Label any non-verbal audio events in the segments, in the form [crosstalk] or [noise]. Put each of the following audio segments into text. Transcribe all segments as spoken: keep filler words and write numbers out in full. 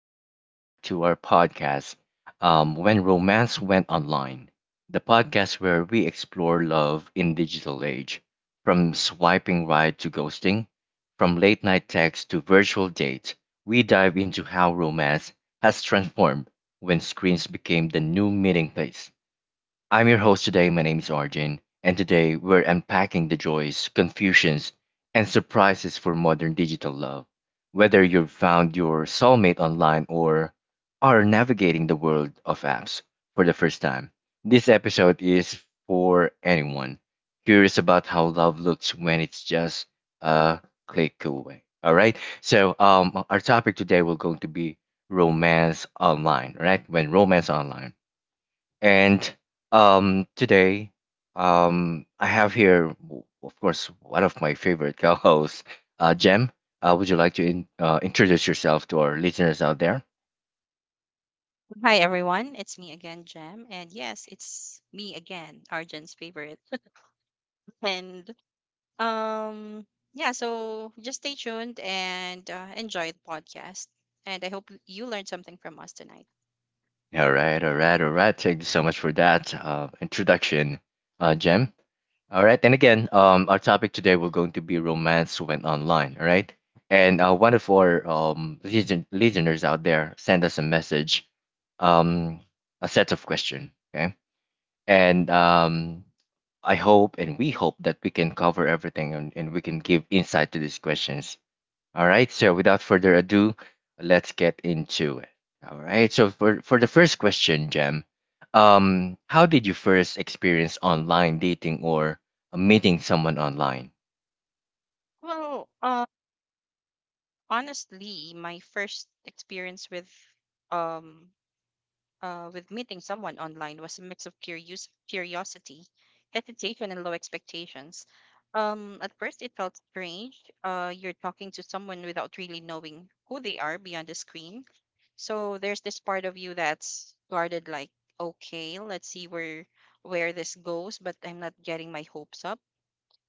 Welcome back to our podcast, um, When Romance Went Online, the podcast where we explore love in digital age, from swiping right to ghosting, from late night text to virtual dates. We dive into how romance has transformed when screens became the new meeting place. I'm your host today. My name is Arjun, and today we're unpacking the joys, confusions, and surprises for modern digital love. Whether you've found your soulmate online or are navigating the world of apps for the first time, this episode is for anyone curious about how love looks when it's just a click away. All right. So, um, our topic today will going to be romance online, right? When romance online and um, today, um, I have here, w- of course, one of my favorite [laughs] co-hosts, uh, Jem. Uh, would you like to in, uh, introduce yourself to our listeners out there? Hi everyone, it's me again, Jem, and yes, it's me again, Arjun's favorite. [laughs] And um, yeah, so just stay tuned and uh, enjoy the podcast. And I hope you learned something from us tonight. All right, all right, all right. Thank you so much for that uh, introduction, uh, Mhm. Jem. All right, and again, um, our topic today will going to be romance went online. All right, and uh, one of our um listen- listeners out there send us a message, um, a set of question. Okay. And um, I hope and we hope that we can cover everything, and, and we can give insight to these questions. All right. So without further ado, let's get into it. All right. So for, for the first question, Jem, um, how did you first experience online dating or uh, meeting someone online? Well, uh, honestly, my first experience with um uh, with meeting someone online was a mix of curious, curiosity, hesitation, and low expectations. Um, at first, it felt strange. Uh, you're talking to someone without really knowing who they are beyond the screen. So there's this part of you that's guarded, like, okay, let's see where where this goes, but I'm not getting my hopes up.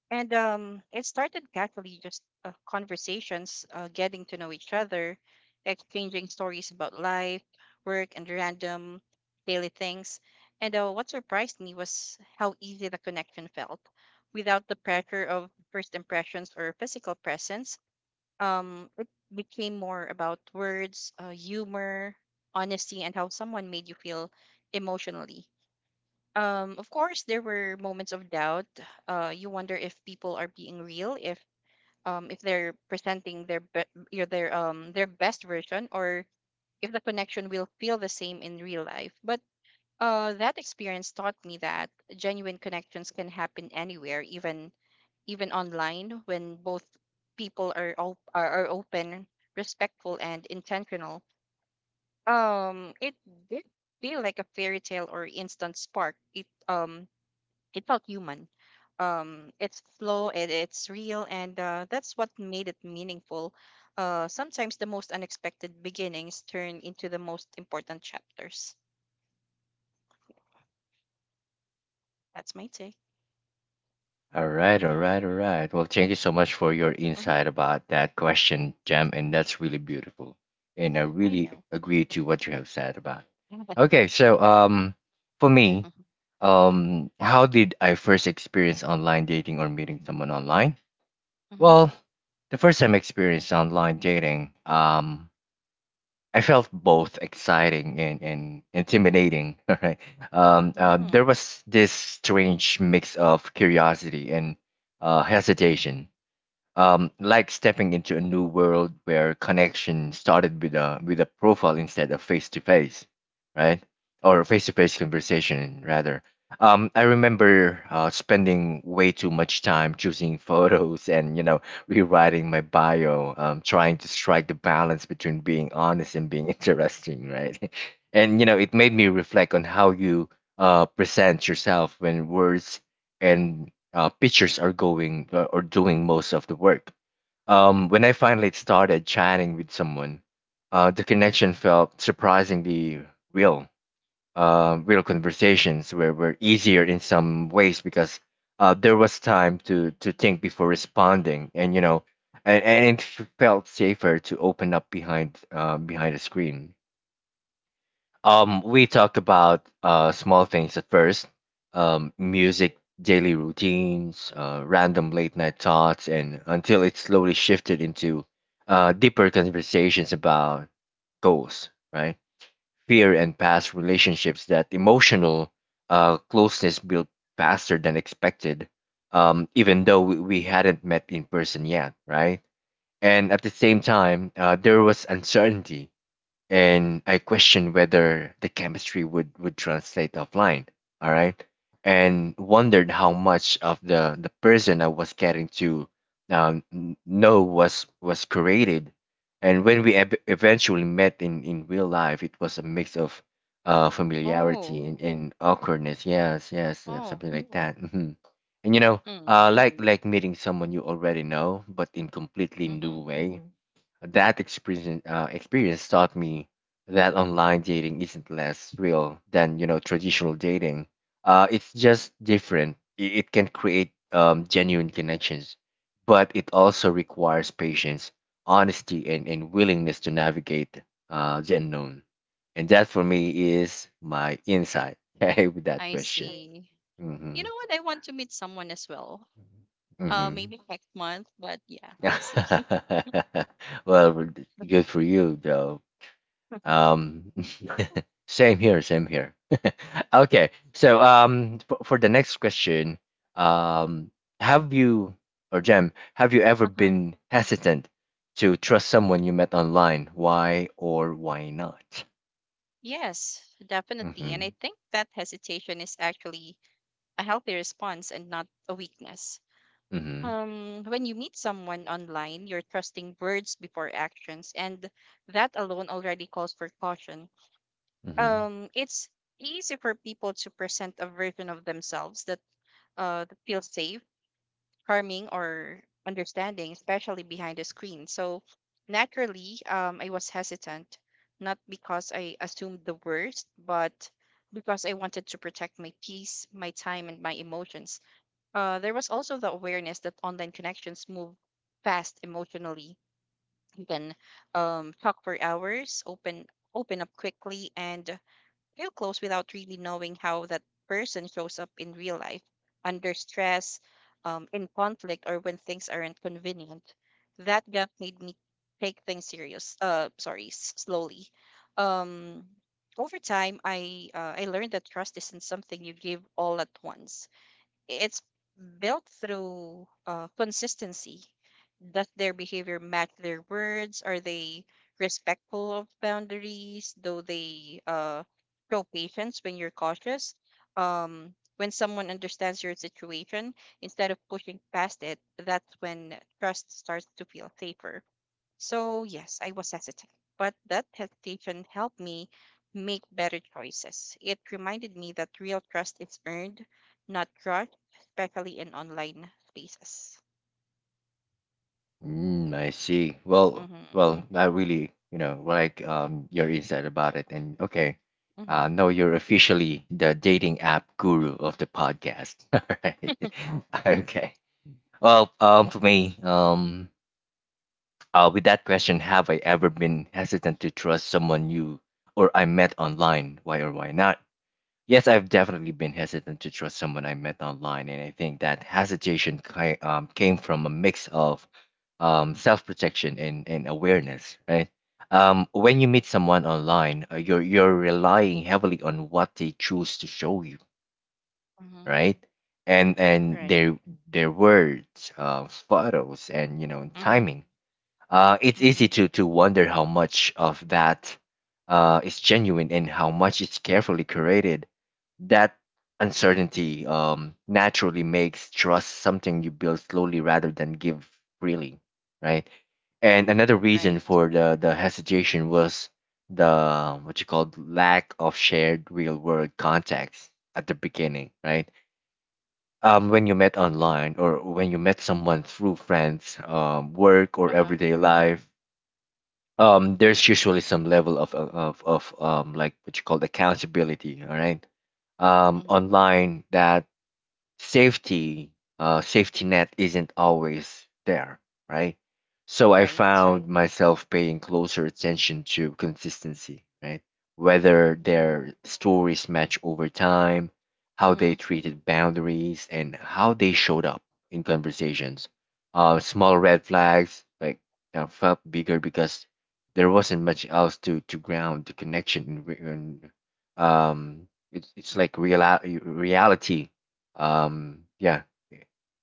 And um, it started casually, just uh, conversations, uh, getting to know each other, exchanging stories about life, work, and random daily things. And uh, what surprised me was how easy the connection felt, without the pressure of first impressions or physical presence. Um, it became more about words, uh, humor, honesty, and how someone made you feel emotionally um, Of course, there were moments of doubt. Uh, you wonder if people are being real, if um, if they're presenting their be- your- their um their best version, or if the connection will feel the same in real life. But uh, that experience taught me that genuine connections can happen anywhere, even even online, when both people are op- are, are open, respectful, and intentional. Um, it did feel like a fairy tale or instant spark. It um it felt human. Um, it's slow and it's real, and uh, that's what made it meaningful. Uh, sometimes the most unexpected beginnings turn into the most important chapters. That's my take. All right, all right, all right. Well, thank you so much for your Mm-hmm. insight about that question, Jam, and that's really beautiful. And I I really know. agree to what you have said about. [laughs] Okay, so Yeah. um for me, Mm-hmm. um how did I first experience online dating or meeting someone online? Mm-hmm. Well, the first time I experienced online dating, um I felt both exciting and, and intimidating. [laughs] Right? Um, um, there Mm. was this strange mix of curiosity and uh, hesitation. Um, like stepping into a new world where connection started with a with a profile instead of face to face, right? Or face to face conversation rather. Um, I remember uh, spending way too much time choosing [laughs] photos and you know rewriting my bio, um, trying to strike the balance between being honest and being [laughs] interesting, right? [laughs] And you know it made me reflect on how you uh, present yourself when words and uh, pictures are going uh, or doing most of the work. Um, when I finally started chatting with someone, uh, the connection felt surprisingly real. Uh, real conversations were, were easier in some ways because uh, there was time to, to think before responding, and you know, and, and it felt safer to open up behind uh, behind a screen. Um, we talked about uh, small things at first, um, music, daily routines, uh, random late night thoughts, and until it slowly shifted into uh, deeper conversations about goals, right? Fear and past relationships. That emotional uh, closeness built faster than expected, um, even though we, we hadn't met in person yet, right? And at the same time, uh, there was uncertainty, and I question whether the chemistry would would translate offline. All right, and wondered how much of the the person I was getting to um, n- know was was created. And when we ev- eventually met in in real life, it was a mix of uh Oh. familiarity and, and awkwardness. Yes, yes, uh, Oh. something like that. hmm And you know, Mm. uh, like like meeting someone you already know, but in completely Mm-hmm. new way. That experience, uh, experience taught me that online dating isn't less real than you know traditional dating. Uh, it's just different. It, it can create um, genuine connections, but it Yeah. also requires patience, honesty, and, and willingness to navigate uh, the unknown. And that for me is my insight, [laughs] okay, with that I question. see. You Mm-hmm. know what? I want to meet someone as well. Uh, Mm-hmm. Maybe next month, but yeah, let's see. [laughs] Well, [laughs] good for you, though. Um, [laughs] same here, same here. [laughs] Okay, so um, for, for the next question, um, have you or Jem, have you ever Uh-huh. been hesitant to trust someone you met online? Why or why not? Yes, definitely. And Mm-hmm. I think that hesitation is actually a healthy response and not a weakness. Mm-hmm. Um, when you meet someone online, you're trusting words before actions, and that alone already calls for caution. Mm-hmm. Um, it's easy for people to present a version of themselves that uh that feels safe, harming or understanding, especially behind the screen. So naturally, um, I was hesitant, not because I assumed the worst, but because I wanted to protect my peace, my time, and my emotions. Uh, there was also the awareness that online connections move fast emotionally. You can um, talk for hours, open open up quickly, and feel close without really knowing how that person shows up in real life under stress, um, in conflict, or when things aren't convenient. That gap made me take things serious. Uh, sorry, s- slowly. Um, Over time, I uh, I learned that trust isn't something you give all at once. It's built through uh, consistency. Does their behavior match their words? Are they respectful of boundaries? Do they uh, show patience when you're cautious? Um, when someone understands your situation, instead of pushing past it, that's when trust starts to feel safer. So, yes, I was hesitant, but that hesitation helped me make better choices. It reminded me that real trust is earned, not rushed, especially in online spaces. Mm, I see. Well, Mm-hmm. well, I really, you know, like um your insight about it. And okay, Mm-hmm. uh, no, you're officially the dating app guru of the podcast. [laughs] All right. [laughs] Okay. Well, um, for me, um, uh, with that question, have I ever been hesitant to trust someone new or I met online? Why or why not? Yes, I've definitely been hesitant to trust someone I met online, and I think that hesitation ki- um, came from a mix of um, self-protection and, and awareness, right? Um, when you meet someone online, uh, you're you're relying heavily on what they choose to show you, Mm-hmm. right? And and Right. their their words, uh, photos, and you know Mm-hmm. timing. Uh, it's Mm-hmm. easy to, to wonder how much of that uh, is genuine and how much is carefully created. That uncertainty um, naturally makes trust something you build slowly rather than give freely, right? And another reason Right. for the, the hesitation was the um, what you called lack of shared real world context at the beginning, right? um, when you met Mm-hmm. online or when you met someone through friends, um, work, or Uh-huh. everyday life, um there's usually some level of of of um like what you call accountability. All right, um Hmm. online, that safety uh, safety net isn't always there, right? So I Right. found myself paying closer attention to consistency, right? Whether their Oh. stories match over time, how Mm-hmm. they treated boundaries, and how they showed up in conversations. Uh, small red flags like uh, felt bigger because there wasn't much else to to ground the connection in, re- in um it's it's like real reality, um yeah,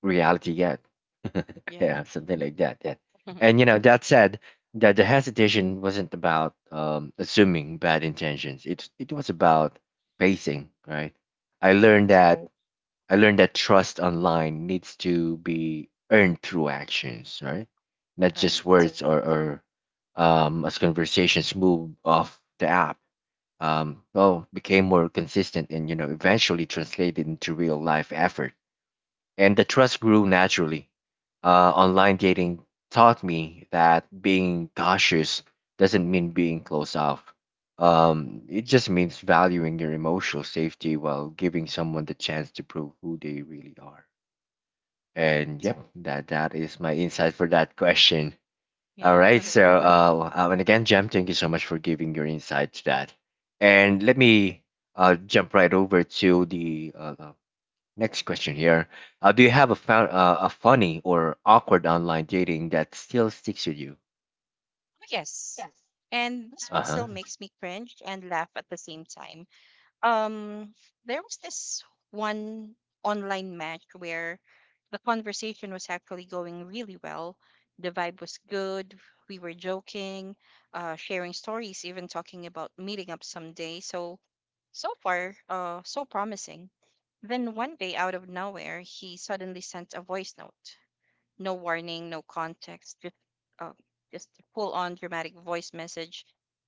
reality yet. [laughs] Yeah. Yeah, something like that, yeah. Mm-hmm. And you know that said, that the hesitation wasn't about um assuming bad intentions. It it was about pacing, right? i learned Right. that i learned that trust online needs to be earned through actions, right? Not just Right. words or or um as conversations move off the app, um well, became more consistent, and you know eventually translated into real life effort, and the trust grew naturally. Uh, online Mm-hmm. dating taught me that being cautious doesn't mean being closed off. Um, it just means valuing your emotional safety while giving someone the chance to prove who they really are. And Right. yep, that that is my insight for that question. All Yeah. right, [laughs] so uh, uh, and again, Jem, thank you so much for giving your insight to that. And let me uh, jump right over to the uh, uh, next question here. Uh, do you have a, fun, uh, a funny or awkward online dating that still sticks with you? Oh, yes. And this Uh one huh. still makes me cringe and laugh at the same time. um there was this one online match where the conversation was actually going really well. The vibe was good. We were joking, uh sharing stories, even talking about meeting up someday. So so far, uh so promising. Then one day, out of nowhere, he suddenly sent a voice note. No warning, no context, just uh, just full on dramatic voice message.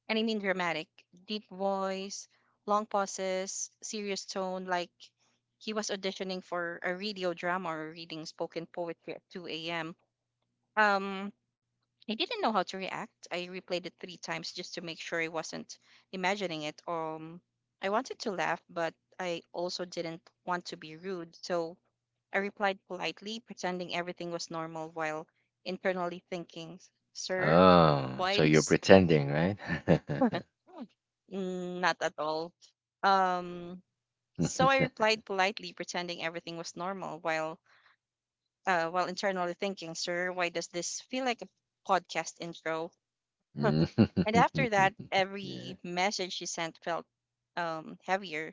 And I mean dramatic, deep voice, long pauses, serious tone, like he was auditioning for a radio drama or reading spoken poetry at two a m. Um, I didn't know how to react. I replayed it three times just to make sure I wasn't imagining it. Um, I wanted to laugh, but I also didn't want to be rude. So I replied politely, pretending everything was normal while internally thinking, "Sir, Oh, so why you're does" pretending, right? [laughs] [laughs] Mm, not at all. Um, so I replied politely, pretending everything was normal, while uh, while internally thinking, "Sir, why does this feel like a podcast intro?" [laughs] And after that, Yeah. every message she sent felt um, heavier.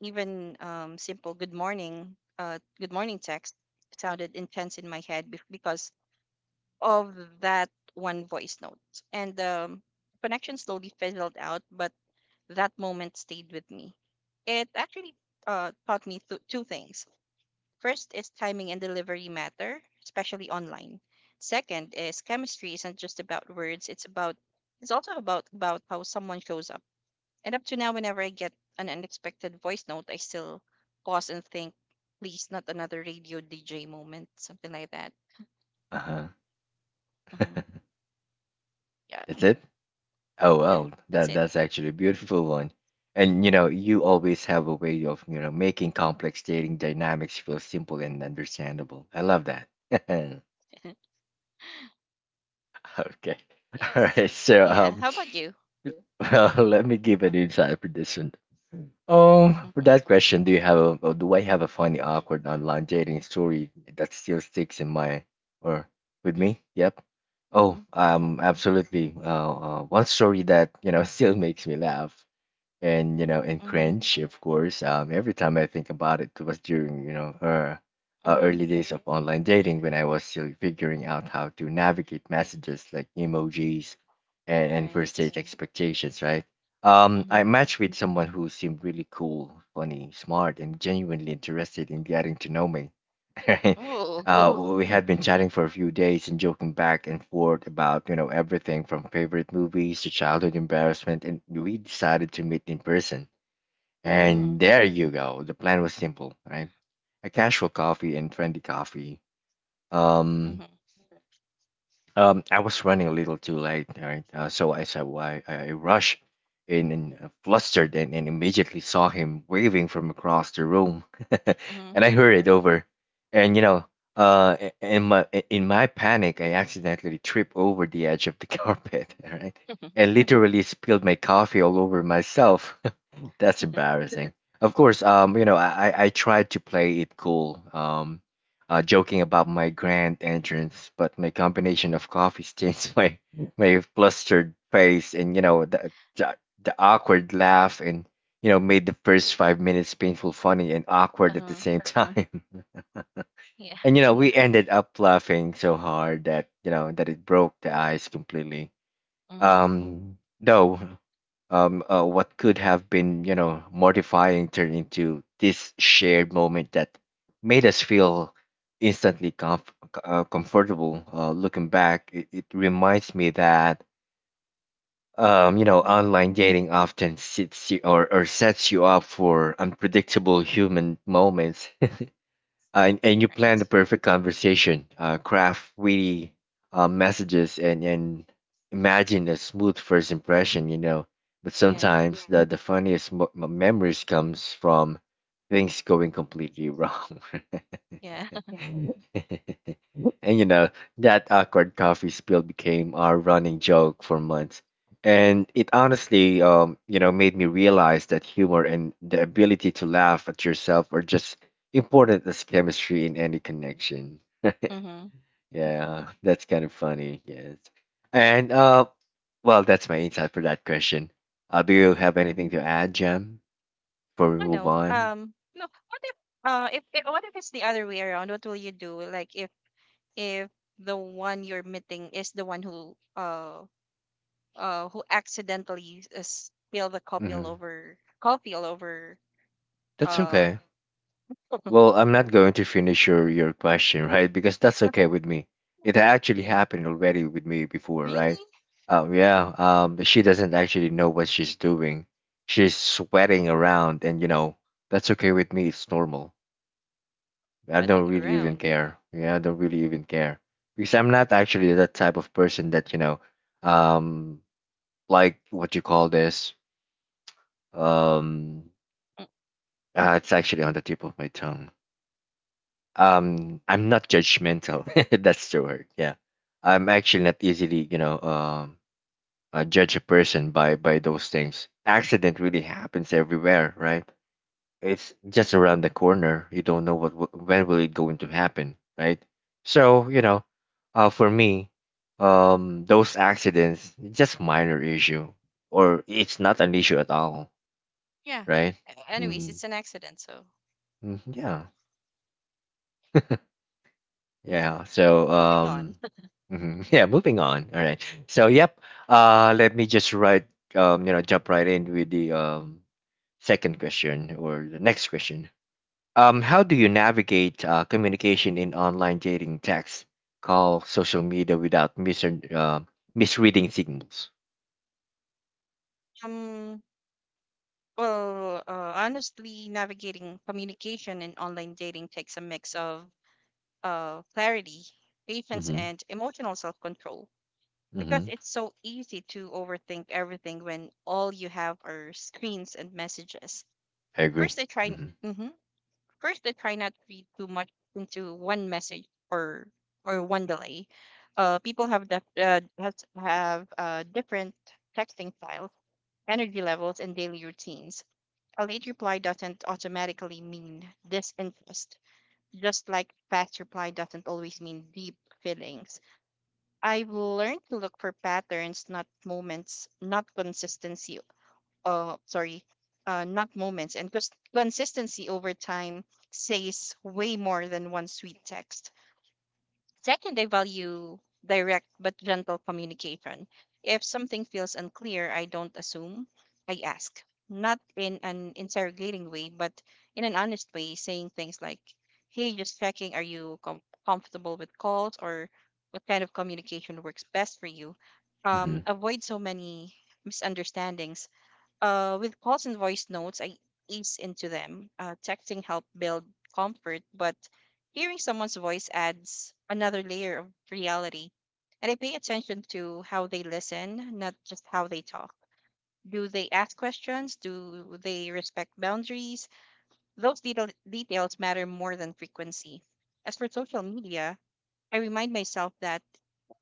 Even um, simple "Good morning," uh, "Good morning" text sounded intense in my head be- because of that one voice note. And the connection slowly fizzled out, but that moment stayed with me. It actually uh, taught me th- two things. First is, timing and delivery matter, especially online. Second is, chemistry isn't just about words, it's about it's also about about how someone shows up. And up to now, whenever I get an unexpected voice note, I still pause and think, please, not another radio D J moment, something like that. Uh huh. Hmm. [laughs] Yeah. That's it. Oh Yeah, well, that's that it. that's actually a beautiful one. And you know, you always have a way of you know making complex dating dynamics feel simple and understandable. I love that. [laughs] [laughs] Okay. [laughs] All Yes. right. So Yeah, um, how about you? well, [laughs] let me give an inside prediction. Um, for Mhm, that question, do you have a, or do I have a funny, awkward online dating story that still sticks in my or with me? Yep. Oh, mhm, um, absolutely. Uh, uh, one story that you know [laughs] still makes me laugh and you know and mhm, cringe, of course. Um, every time I think about it, it was during you know uh, uh, mhm, early days of online dating when I was still figuring out how to navigate messages like emojis and, and first right. date expectations, right? Um, I Mhm. matched with someone who seemed really cool, funny, smart, and genuinely interested in getting to know me. [laughs] Right? Ooh. [laughs] Uh, we had been chatting for a few days and joking back and forth about you know everything from favorite movies to childhood embarrassment, and we decided to meet in person. Mm, And there you go. The plan was simple, right? A casual coffee and trendy coffee. Um, mhm, um, I was running a little too late, right? Uh, so I said, "Why?" I I rushed in, and uh, flustered, and, and immediately saw him waving from across the room, [laughs] mhm, and I hurried over, and you know, uh, i- in my i- in my panic, I accidentally tripped over the edge of the [laughs] carpet, all right, and [laughs] literally spilled my coffee all over myself. That's embarrassing. Of course, um, you know, I, I I tried to play it cool, um, uh, joking about my grand entrance, but my combination of coffee stains, [laughs] my my flustered face, and you know the the, the awkward laugh, and you know made the first five minutes painful, funny, and awkward at the uh-huh, same time. [laughs] yeah. And you know we ended up laughing so hard that you know that it broke the ice completely. Mhm, Um, though, um, uh, what could have been, you know, mortifying, turned into this shared moment that made us feel instantly comf- uh, comfortable. Uh, looking back, it, it reminds me that, um, you know, mhm, online dating often sits you or, or sets you up for unpredictable human moments, uh, and, and you plan right. the perfect conversation, uh, craft witty, uh, messages, and, and imagine a smooth first impression, you know. But Yeah, sometimes the, the funniest mo- m- memories comes from things going completely wrong. yeah. [laughs] [laughs] And you know, that awkward coffee spill became our running joke for months. And it honestly, um, you know, made me realize that humor and the ability to laugh at yourself are just important as chemistry in any connection. Mhm, mhm, Yeah, that's kind of funny. Yes. And uh well, that's my insight for that question. Uh, do you uh-huh. have anything to add, Jam, before we I move know. on? Um, no, what if, uh, if, if, what if it's the other way around? What will you do? Like, if, if the one you're meeting is the one who, uh, uh, who accidentally uh, spilled the coffee all Hmm. over, coffee all over, That's uh, okay. Well, I'm not going to finish your your question, [laughs] right? Because that's okay with [laughs] me. It actually Yeah. happened already with me before, right? Really? Um, yeah. Um, she doesn't actually know what she's doing. She's sweating around, and you know that's okay with me. It's normal. I don't Butting really even around. care. Yeah, I don't really even care because I'm not actually that type of person that you know, um, like what you call this. Um, Mm. uh, it's actually on the tip of my tongue. Um, I'm not judgmental. [laughs] That's the word. Yeah, I'm actually not easily you know um uh, judge a person by by those things. Accident really happens everywhere, right? It's just around the corner. You don't know what wi- when will it going to happen, right? So, you know, uh, for me, um, those accidents just minor issue, or it's not an issue at all, Yeah. right? A- Anyways, Mm-hmm. it's an accident, so Mm-hmm. Yeah, yeah. yeah. So So, moving on. um, mhm. [laughs] Yeah. Moving on. All right. So yep. Uh, let me just write. Um, you know, jump right in with the um second question or the next question. Um, how do you navigate, uh, communication in online dating, text, call, social media, without mis- uh, misreading signals? Um well, uh, honestly, navigating communication and online dating takes a mix of uh clarity, patience, Mm-hmm. and emotional self-control. Because Mm-hmm. it's so easy to overthink everything when all you have are screens and messages. I agree. First I tried Mm-hmm. Mhm. First, I try not to read too much into one message or or one delay. Uh, people have def- uh, has, have uh, different texting styles, energy levels, and daily routines. A late reply doesn't automatically mean disinterest, just like fast reply doesn't always mean deep feelings. I've learned to look for patterns, not moments, not consistency. Uh sorry. Uh not moments and cons- consistency over time says way more than one sweet text. Second, I value direct but gentle communication. If something feels unclear, I don't assume. I ask, not in an interrogating way, but in an honest way, saying things like, "Hey, just checking, are you com- comfortable with calls, or what kind of communication works best for you?" um Mm-hmm. Avoid so many misunderstandings. Uh, with calls and voice notes, I ease into them. Uh, texting help build comfort, but hearing someone's voice adds another layer of reality. And I pay attention to how they listen, not just how they talk. Do they ask questions? Do they respect boundaries? Those detail- details matter more than frequency. As for social media, I remind myself that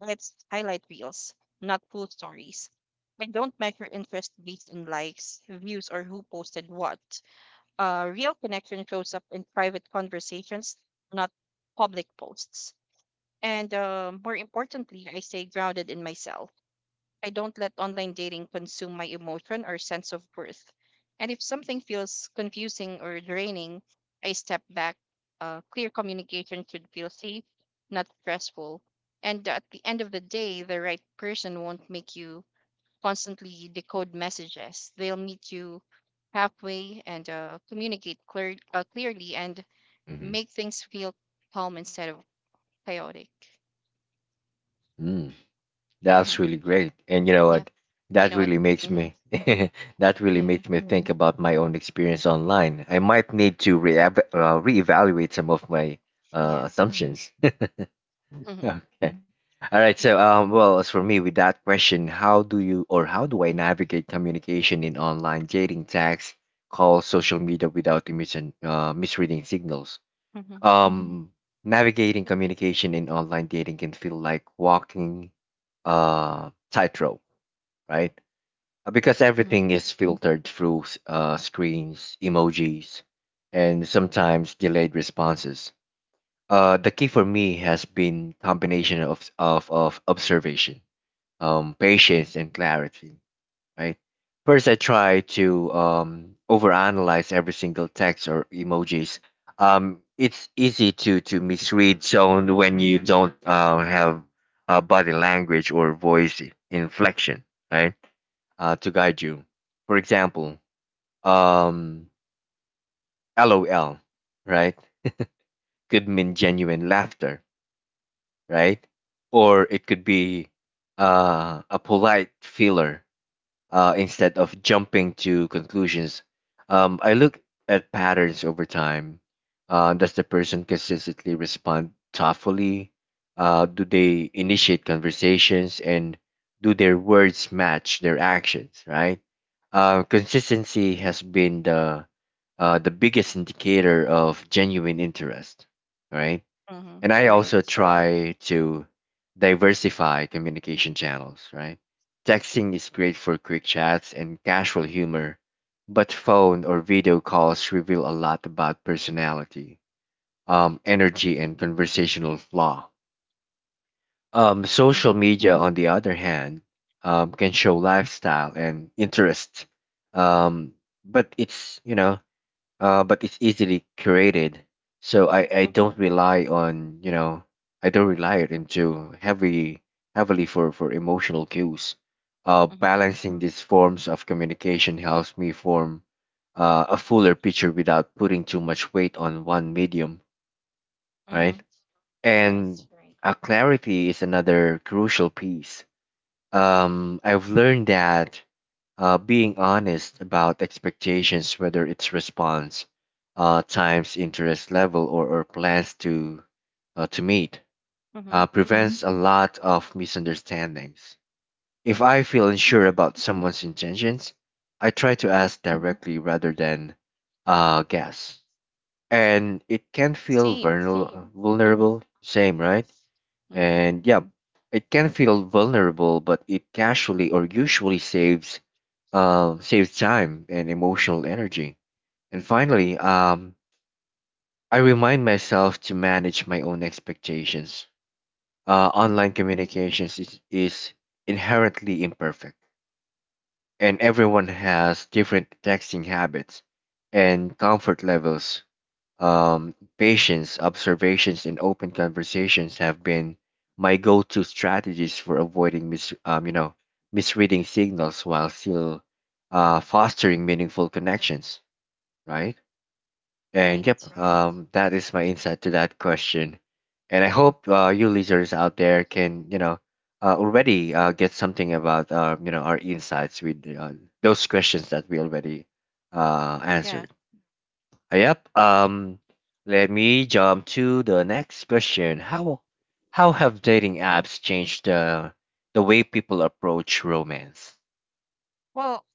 it's highlight reels, not full stories. I don't measure interest based on likes, views, or who posted what. Uh, real connection shows up in private conversations, not public posts. And uh, more importantly, I stay grounded in myself. I don't let online dating consume my emotion or sense of worth. And if something feels confusing or draining, I step back. Uh, clear communication should feel safe, not stressful. And at the end of the day, the right person won't make you constantly decode messages. They'll meet you halfway and uh, communicate clear, uh, clearly, and Mm-hmm. make things feel calm instead of chaotic. Mm. That's Hmm. really great. And you know Yeah, what? you That know what? really makes Hmm. me [laughs] that really Yeah, makes me think, mm, about my own experience online. I might need to re- uh, reevaluate some of my, uh, yeah. assumptions. Hmm. Okay. All right. Yeah. So, um, well, as for me, with that question, how do you, or how do I, navigate communication in online dating, text, calls, social media, without emission, uh, misreading signals? Mhm, Um, Navigating communication in online dating can feel like walking uh tightrope, right? Uh, Because mhm, everything is filtered through s- uh, screens, emojis, and sometimes delayed responses. Uh, the key for me has been combination of of, of observation, um, patience, and clarity. Right. First, I try to, um, overanalyze every single text or emojis. Um, it's easy to to misread sound when you don't, uh, have, uh, body language or voice inflection, right? Uh, to guide you. For example, um, lol, right, could mean genuine laughter, right? Or it could be, uh, a polite feeler, uh, instead of jumping to conclusions. Um, I look at patterns over time. Uh, does the person consistently respond thoughtfully? Uh, do they initiate conversations, and do their words match their actions, right? Uh, consistency has been the uh, the biggest indicator of genuine interest, right? mhm, And I also right. try to diversify communication channels, right? Texting is great for quick chats and casual humor, but phone or video calls reveal a lot about personality, um, energy, and conversational flaw. Um, Mhm, Social media, on the other hand, um, can show lifestyle and interest, um, but it's you know uh, but it's easily curated. So, I, mhm, I mm-hmm, don't rely on, you know I don't rely it into heavy heavily for for emotional cues. Uh, mhm, balancing these forms of communication helps me form, uh, a fuller picture without putting too much weight on one medium, mhm, right? right. And, uh, clarity is another crucial piece. um, I've learned that, uh, being honest about expectations, whether it's response, uh, times, interest level, or, or plans to uh, to meet, uh, Mhm, prevents a lot of misunderstandings. If I feel unsure mhm, about someone's intentions, I try to mhm. ask directly rather than, uh, guess, and it can feel Same. vulnerable. Mhm, Vulnerable, same, right? mhm, And yeah, it can feel vulnerable, but it casually, or usually, saves um saves time and emotional energy. And finally, um, I remind myself to manage my own expectations. Uh, online mhm, communications is, is inherently imperfect, and everyone has different texting habits and comfort levels. Um, patience, observations, and open conversations have been my go-to strategies for avoiding mis- um, you know, misreading signals while still, uh, fostering meaningful connections, right? And right. yep, um, that is my insight to that question. And I hope, uh, you listeners out there can, you know, uh, already, uh, get something about, uh, you know, our insights with, uh, those questions that we already, uh, Yeah. answered. Yep. Um, let me jump to the next question. How how have dating Right. apps changed the the way people approach romance? Well,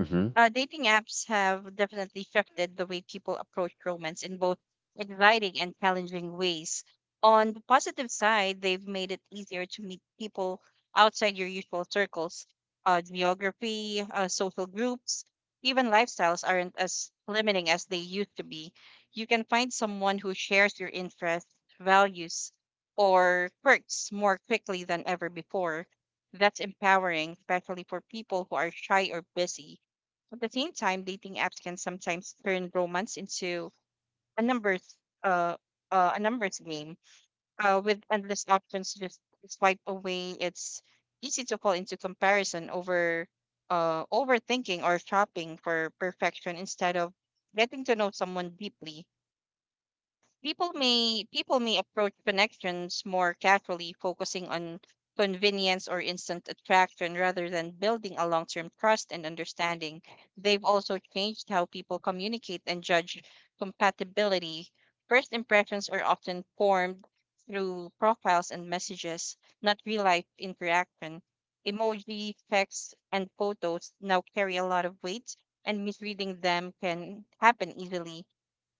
Mm-hmm. uh, dating apps have definitely shifted the way people approach romance in both exciting and challenging ways. On the positive side, they've made it easier to meet people outside your usual circles. Uh, geography, uh, social groups, even lifestyles aren't as limiting as they used to be. You can find someone who shares your interests, values, or quirks more quickly than ever before. That's empowering, especially for people who are shy or busy. At the same time, dating apps can sometimes turn romance into a numbers, uh, uh a numbers game. Uh, with endless options to just swipe away, it's easy to fall into comparison, over uh overthinking, or shopping for perfection instead of getting to know someone deeply. People may people may approach connections more casually, focusing on convenience or instant attraction rather than building a long-term trust and understanding. They've also changed how people communicate and judge compatibility. First impressions are often formed through profiles and messages, not real-life interaction. Emoji, text, and photos now carry a lot of weight, and misreading them can happen easily.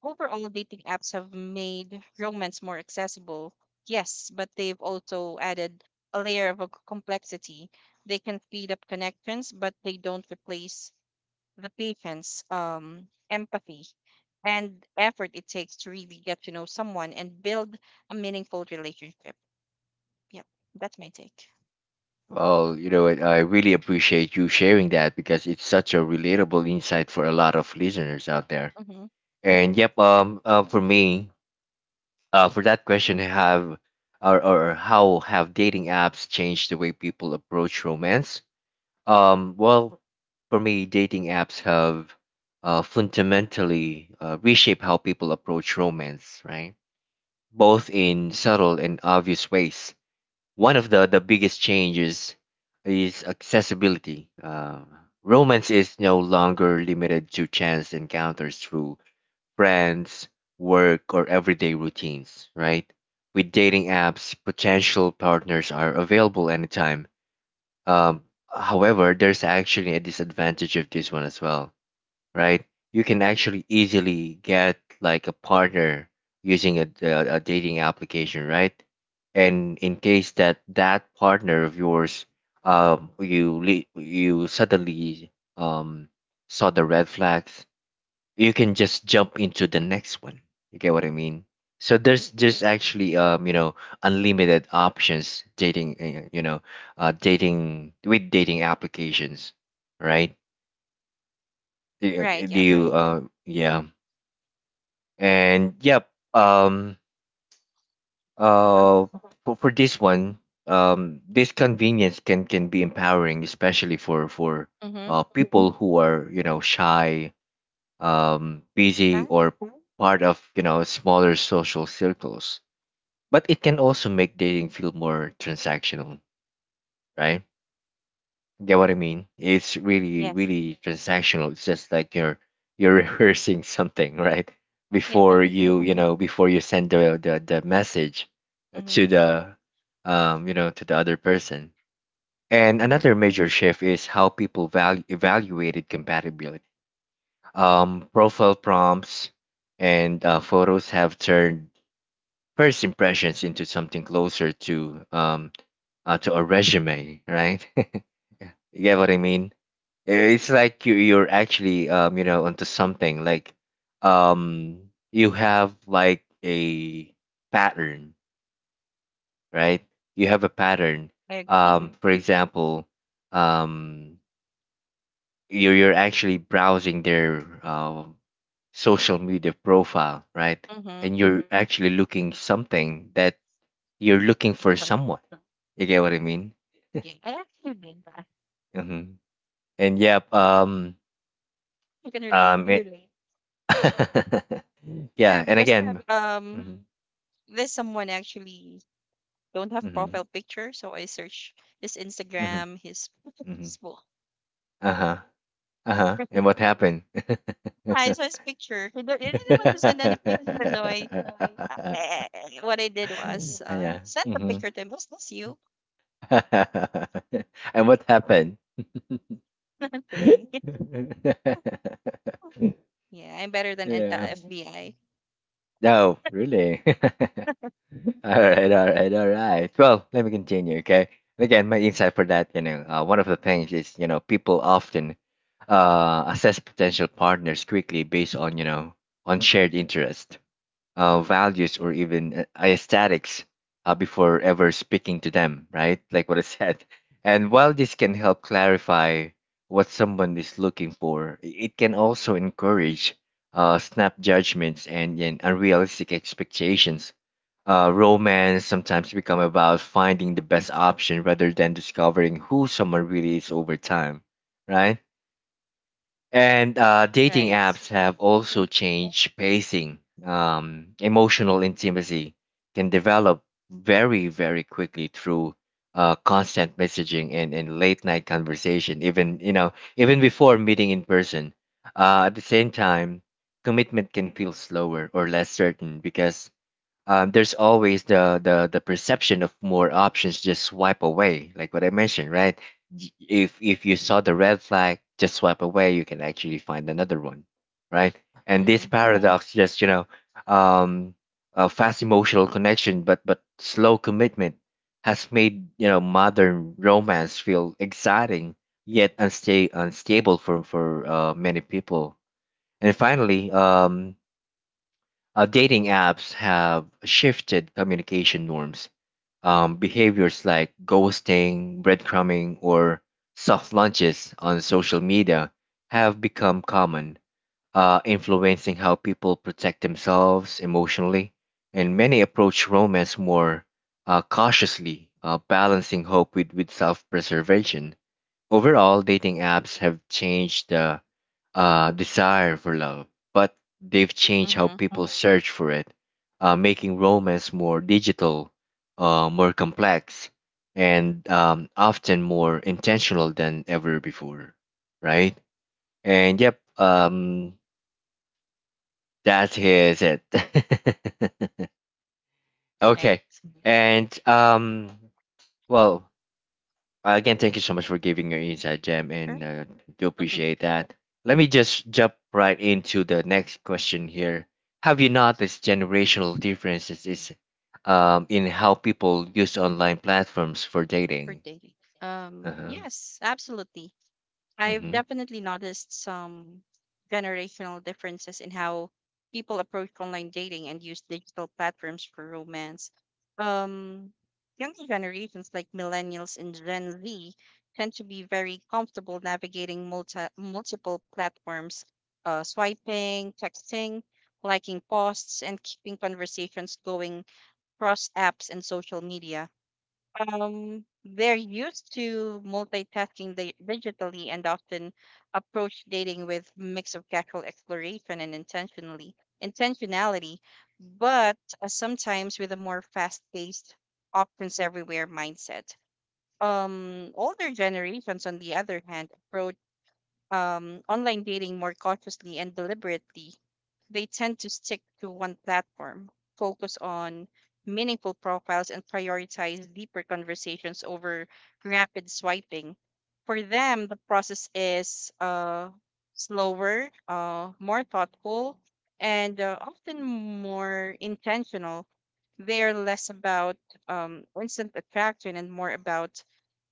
Overall, dating apps have made romance more accessible, yes, but they've also added a layer of a c- complexity. They can speed up connections, but they don't replace the patience, um, empathy, and effort it takes to really get to know someone and build a meaningful relationship. Yep, that's my take. Well, you know what, I really appreciate you sharing that, because it's such a relatable insight for a lot of listeners out there. Mm-hmm. And yep, Yep. um, uh, for me, uh, for that question, have or, or how have dating apps changed the way people approach romance? Um, well, for me, dating apps have, uh, fundamentally, uh, reshaped how people approach romance, right? Both in subtle and obvious ways. One of the, the biggest changes is accessibility. Uh, romance is no longer limited to chance encounters through friends, work, or everyday routines, right? With dating apps, potential partners are available anytime. Um, However, there's actually a disadvantage of this one as well, right? You can actually easily get like a partner using a, a, a dating application, right? And in case that that partner of yours, um, you le- you suddenly, um saw the red flags, you can just jump into the next one. You get what I mean? So, there's there's actually, um you know unlimited options, dating uh, you know uh dating with dating applications, right? Do Right. You do Yep. you, uh yeah, and yep, um Uh huh. uh for, for this one, um this convenience can can be empowering, especially for, for Mm-hmm. uh people who are, you know shy, um busy, Huh? or part of, you know smaller social circles, but it can also make dating feel more transactional, right? Get what I mean? It's really, Yes. really transactional. It's just like you're you're [laughs] rehearsing something, right? Yeah. Before [laughs] you, you know, before you send the the, the message Mm-hmm. to the um, you know, to the other person. And Mm-hmm. another major shift is how people value evaluated compatibility. Um, profile prompts and, uh, photos have turned first impressions into something closer to um uh, to a resume, right? [laughs] You get what I mean? It's like you you're actually, um you know onto something like, um you have like a pattern, right? You have a pattern. I agree. Um, for example, um you're you're actually browsing their, um social media profile, right? Mm-hmm. And you're, mhm, actually looking something that you're looking for Well, someone. You get what I mean? yeah, I actually did that. Hmm. And yep, um You can relate. um it, [laughs] Yeah, yeah, and because again. um Mhm. there's someone actually don't have Mm-hmm. profile picture, so I search his Mm-hmm. Instagram, his Mm-hmm. Facebook. Uh-huh. Uh-huh. And [laughs] what happened? [laughs] I saw his picture. He don't- he didn't want to send any picture, so I [laughs] uh, what I did was uh Yeah. send a Mm-hmm. picture to him. Is this you? [laughs] And what happened? [laughs] Thing. [laughs] [laughs] Yeah, I'm better than an- Yeah. uh, F B I. No, really. [laughs] All right, all right, all right. Well, let me continue, okay? Again, my insight for that, you know, uh, one of the things is, you know, people often, uh, assess potential partners quickly based on, you know, on shared interest, uh, values, or even, uh, aesthetics, uh, before ever speaking to them, right? Like what I said. And while this can help clarify what someone is looking for, i- it can also encourage, uh, snap judgments, and, and unrealistic expectations. Uh, romance sometimes become about finding the best option rather than discovering who someone really is over time, right? And, uh, dating Right. apps have Mm-hmm. also changed pacing. Um, emotional intimacy can develop very, very quickly through, uh, constant messaging, and, and late night conversation, even you know, even before meeting in person. Uh, at the same time, commitment can feel slower or less certain, because, um, there's always the, the the perception of more options just swipe away, like what I mentioned, right? Y- if if you saw the red flag, just swipe away, you can actually find another one, right? And this, Mm-hmm. mm-hmm, paradox just, you know um a fast emotional connection, but but slow commitment, has made, you know modern romance feel exciting yet unsta- unstable for for uh, many people. And finally, um uh, dating apps have shifted communication norms. Um, behaviors like ghosting, breadcrumbing, or soft launches on social media have become common, uh, influencing how people protect themselves emotionally. And many approach romance more uh, cautiously, uh, balancing hope with, with self preservation. Overall, dating apps have changed the uh, desire for love, but they've changed how Mm-hmm. people search for it, uh, making romance more digital, uh, more complex, and um, often more intentional than ever before, right? And yep, um, that is it. [laughs] Okay, Right. and um, well, Uh, again, thank you so much for giving your insight, Jem, and Sure. uh, do [laughs] Mhm. appreciate that. Let me just jump right into the next question here. Have you noticed generational differences is, um, in how people use online platforms for For dating? dating. Uh Um. huh. Yes. Absolutely. I've Mm-hmm. definitely noticed some generational differences in how people approach online dating and use digital platforms for romance. Um, Younger generations like millennials and Gen Z tend to be very comfortable navigating multi- multiple platforms, uh, swiping, texting, liking posts, and keeping conversations going across apps and social media. Um, they're used to multitasking di- digitally and often approach dating with mix of casual exploration and intentionally intentionality, but uh, sometimes with a more fast-paced, options everywhere mindset. Um, older generations, on the other hand, approach um, online dating more cautiously and deliberately. They tend to stick to one platform, focus on meaningful profiles, and prioritize deeper conversations over rapid swiping. For them, the process is uh, slower, uh, more thoughtful, and uh, often more intentional. They're less about um, instant attraction and more about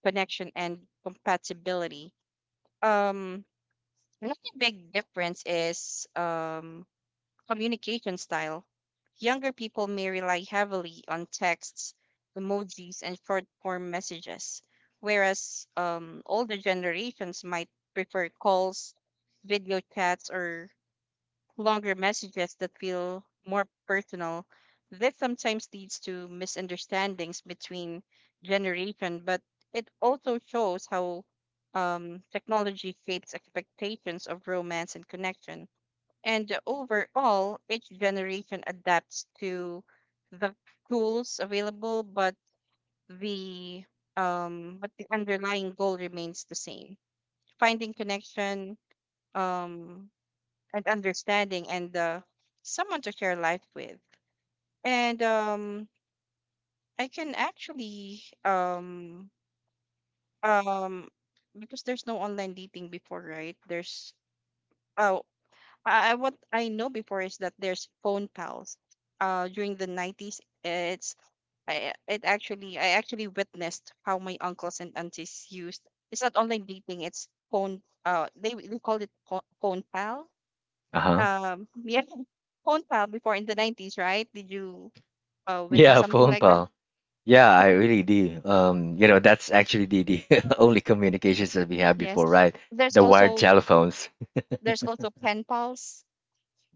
connection and compatibility. Um, Another big difference is um, communication style. Younger people may rely heavily on texts, emojis, and short form messages, whereas um, older generations might prefer calls, video chats, or longer messages that feel more personal. This sometimes leads to misunderstandings between generation, but it also shows how um, technology shapes expectations of romance and connection. And overall, each generation adapts to the tools available, but the um, but the underlying goal remains the same: finding connection, um, and understanding, and uh, someone to share life with. And um, I can actually um, um, because there's no online dating before, right? There's oh I, I- What I know before is that there's phone pals. Uh, during the nineties, it's I it actually I actually witnessed how my uncles and aunties used. It's not online dating. It's phone. Uh, they we called it pho- phone pal. Uh huh. Um, yeah, [laughs] phone pal before in the nineties, right? Did you uh witness Yeah, [laughs] something phone like that? pal. Yeah, I [laughs] really do. Um, you know, that's actually the, the [laughs] only communications that we had Yes. before, right? There's The wired also telephones, there's also pen pals.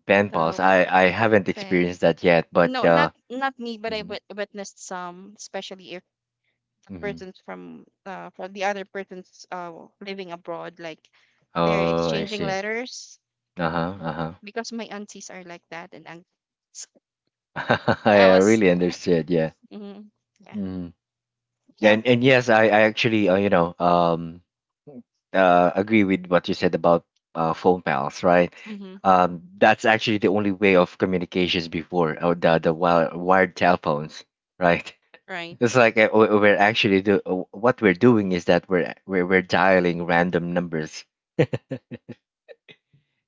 pen pals. So I I haven't pen. experienced that yet, but No, uh, not not me, but I Mhm. wit- witnessed some, especially if Mhm. persons from uh, from the other persons uh, living abroad like they're Oh, I exchanging see. letters Uh-huh, uh-huh. because my aunties are like that and un- so [laughs] I I was really understood, yeah. mm, yeah. Hmm. Yeah. And and yes, I, I actually uh, you know um uh agree with what you said about uh phone pals, right? Hmm. Um that's actually the only way of communications before, or the the wired, wired telephones, right? [laughs] It's Right. like uh, we- we're actually do uh, what we're doing is that we're we're, we're dialing random numbers.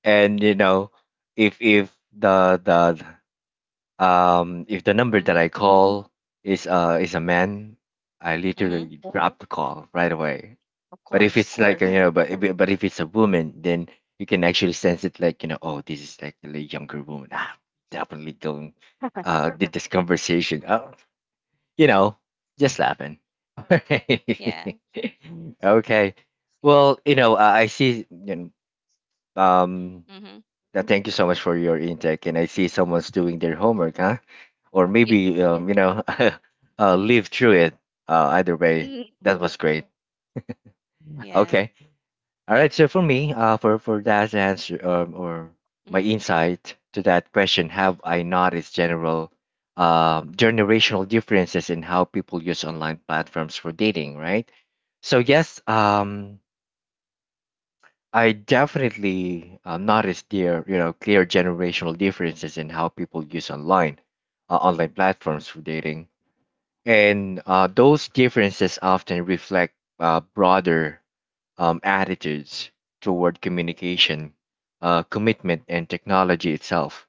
And you know, if if the the Um, if the number that Hmm. I call is uh is a man, I Hmm. literally drop the call right away. Of But if course. it's like uh, you know, but if- but if it's a woman, then you can actually sense it like you know, oh, this is like a younger woman. Ah, definitely going. [laughs] Uh, did this conversation? Oh, you know, just laughing. [laughs] Yeah. Okay. Well, you know, I I see. You know, um, Hmm. Now, thank you so much for your intake. And I see someone's doing their homework, huh? Or Yeah. maybe, um, you know, [laughs] uh, live through it. Uh, either way, Mm, that was great. yeah. Okay. All right. So for me, uh, for for that answer, um, or my Hmm. insight to that question, have I noticed general, uh, generational differences in how people use online platforms for dating? Right. So yes, um, I definitely uh, noticed there, you know, clear generational differences in how people use online, uh, online platforms for dating, and uh, those differences often reflect uh, broader um, attitudes toward communication, uh, commitment, and technology itself.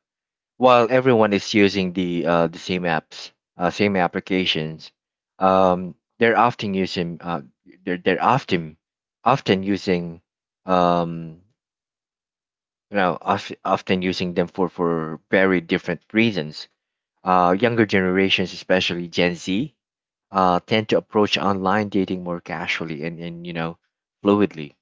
While everyone is using the uh, the same apps, uh, same applications, um, they're often using uh, they're they're often often using um you know, of- often using them for, for very different reasons. Uh, younger generations, especially Gen Z, uh, tend to approach online dating more casually and, and you know, fluidly.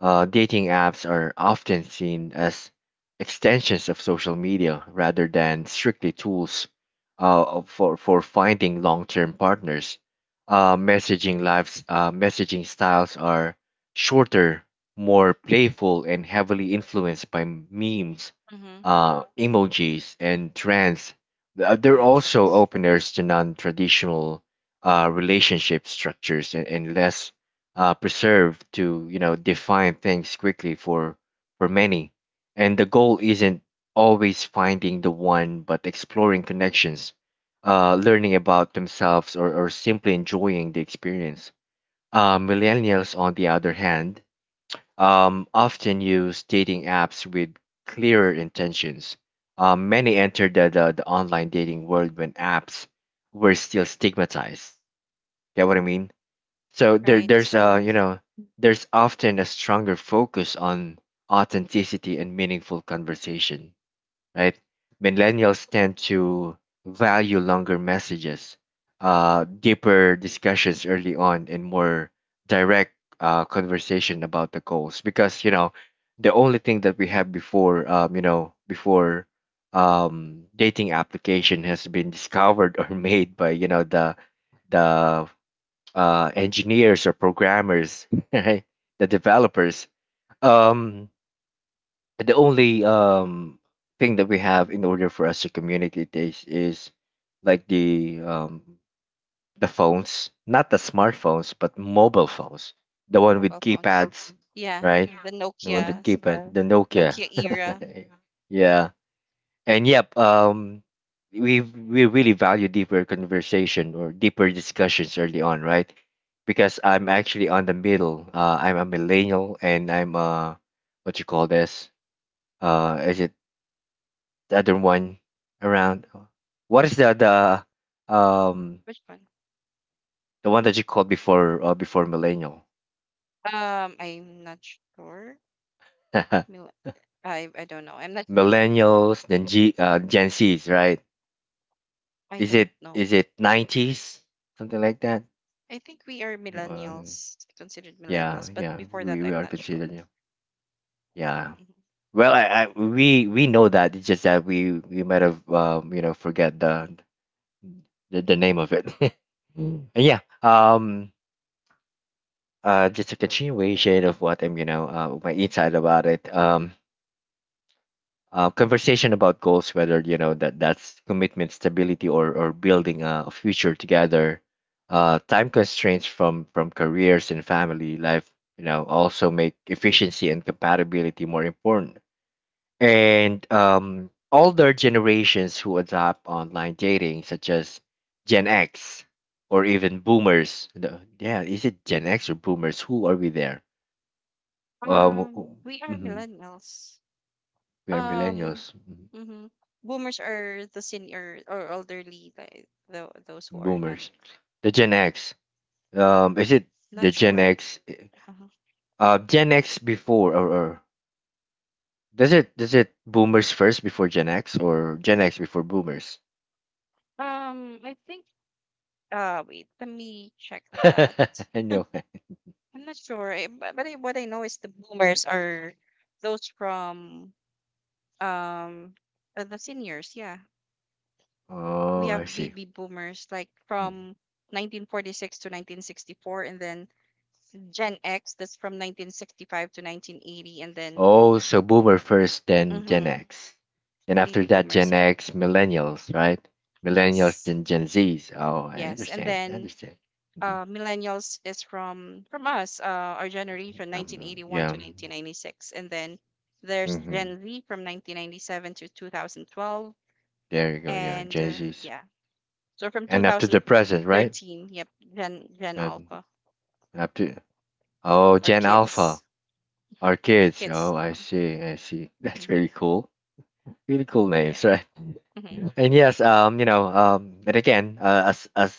uh, Dating apps are often seen as extensions of social media rather than strictly tools uh, for, for finding long term partners. Uh, messaging lives, uh, messaging styles are shorter, more playful, and heavily influenced by memes, Hmm. uh, emojis, and trends. Th- They're Yeah, also trends. openers to non traditional uh, relationship structures, and, and less uh, preserve to you know define things quickly for for many. And the goal isn't always finding the one, but exploring connections, uh, learning about themselves, or, or simply enjoying the experience. Uh, millennials, on the other hand, um, often use dating apps with clearer intentions. Uh, many entered the, the, the online dating world when apps were still stigmatized, get what I mean? So there, Right. There's a you hmm. know, there's often a stronger focus on authenticity and meaningful conversation, right? Millennials tend to value longer messages, uh, deeper discussions early on, and more direct uh, conversation about the goals, because you know the only thing that we have before, um, you know before um, dating application has been discovered or [laughs] made by you know the the uh, engineers or programmers, [laughs] right? The developers. Um, the only um, thing that we have in order for us to communicate is, is like the um, the phones, not the smartphones, but mobile phones, the one with Mobile phones. keypads, Yeah, right? uh, the The one with Nokia. keypad, the Nokia. Nokia era. [laughs] Yeah. And yep, um, we we really value deeper conversation or deeper discussions early on, right? Because I'm actually on the middle. Uh, I'm a millennial, and I'm uh, what you call this? Uh, is it the other one around? What is the the um Which one? the one that you called before, uh, before millennial? um I'm not sure. [laughs] I I don't know. I'm not [laughs] sure. Millennials, then G uh, Gen Zs, right? I Is it don't know. is it nineties, something like that? I think we are Uh, millennials, considered Yeah, millennials, but yeah, before that, we, we I'm are not sure. considered. Yeah, yeah. Mhm. Well, I, I we we know that. It's just that we we might have um you know forget the the, the name of it. [laughs] And yeah. Um. Uh. Just a continuation of what I'm you know uh, my insight about it. Um. Uh, conversation about goals, whether you know that that's commitment, stability, or or building a future together. Uh, time constraints from from careers and family life, you know, also make efficiency and compatibility more important. And um, older generations who adopt online dating, such as Gen X or even Boomers. The- yeah, is it Gen X or Boomers? Who are we there? Um, Um, we are mhm, millennials. we are Um, Millennials, mhm. mhm. Boomers are the senior or elderly, like the those who are not. Boomers. The Gen Yeah, X. Um, is it not the Gen sure. X? Uh, Uh-huh. uh, Gen X before, or, or does it does it Boomers first before Gen X, or Gen X before Boomers? Um, I think. Uh, wait. Let me check that. [laughs] No. I'm not sure. I, but but I, what I know is the boomers are those from um uh, the seniors. Yeah, we Oh, I have see. baby boomers like Hmm. from nineteen forty-six to nineteen sixty-four, and then gen x that's from nineteen sixty-five to nineteen eighty, and then Oh, so Boomer first, then Gen hmm X. Then baby after that, Gen boomers yeah. X, Millennials, right? Millennials, Yes. then Gen Zs. Oh, I Yes, and understand. I then understand. Mhm. uh, millennials is from from us, uh, our generation I'm not, nineteen eighty-one yeah. to nineteen ninety-six, and then there's Mm-hmm. gen z from nineteen ninety-seven to two thousand twelve, There you go. Yeah, and Gen uh, Zs. yeah, so from And up to the present, right? two thousand thirteen, yep, gen gen Um, alpha, Up to, oh, our Gen Alpha, kids. our Our kids. kids. Oh, I Uh-huh. see. I see. [laughs] That's Hmm. really cool. Really cool names, Yeah. right? Hmm. And yes, um, you know, um, but again, uh, as as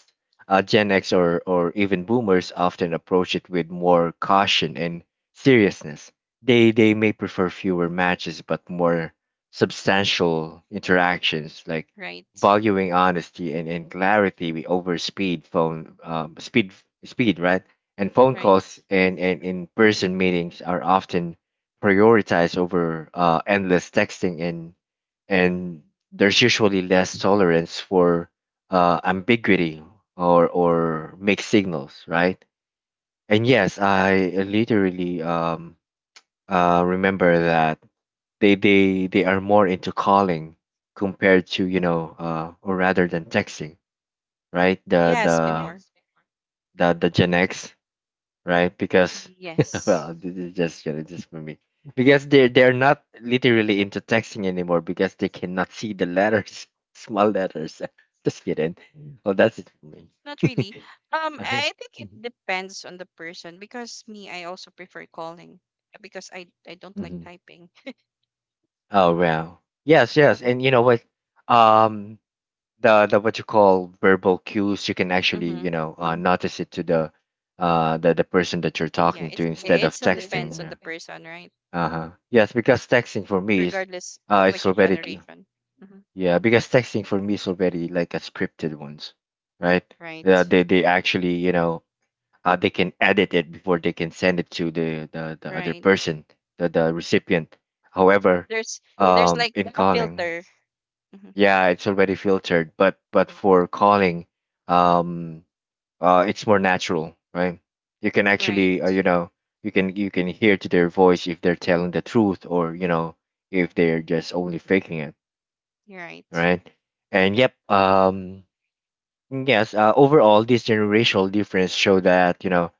uh, Gen X or or even Boomers often approach it with more caution and seriousness. They they may prefer fewer matches but more substantial interactions, like Right. valuing honesty and, and clarity we over speed phone um, speed speed, right. And phone calls Right. and and in person meetings are often prioritized over uh, endless texting and and there's usually less tolerance for uh, ambiguity or or mixed signals, right? And yes, I literally um, uh, remember that they they they are more into calling compared to, you know uh, or rather than texting, right? The Yes, the before. the the Gen X, right? Because [laughs] Yes. well, this is just, you know, just for me. Because they they're not literally into texting anymore because they cannot see the letters, [laughs] small letters. [laughs] Just kidding. Well, that's it for me. Not really. [laughs] Um, Oh, I think it mhm. depends on the person because me, I also prefer calling because I I don't like Mhm. typing. Oh, wow. Yes, yes. And you know what? Um, the the What you call verbal cues, you can actually, you Mm-hmm. know, uh, notice it to the uh the the person that you're Yeah, talking to it's instead it of still depends texting, on yeah. the person, right? Uh-huh. Yes, because texting for me is Regardless uh of it's which already generation. Mm-hmm. yeah, because texting for me is already like a scripted ones, right? Uh, Right. they they actually, you know, uh they can edit it before they can send it to the the, the other Right. person, the the recipient. However, There's there's um like in a calling, filter. Mm-hmm. yeah, it's already filtered, but but for calling, um uh, it's more natural, right? You can Right. actually, uh, you know, you can you can hear to their voice if they're telling the truth, or you know if they're just only faking it, You're right. right? And yep, um, yes, uh, overall, this generational difference show that, you know,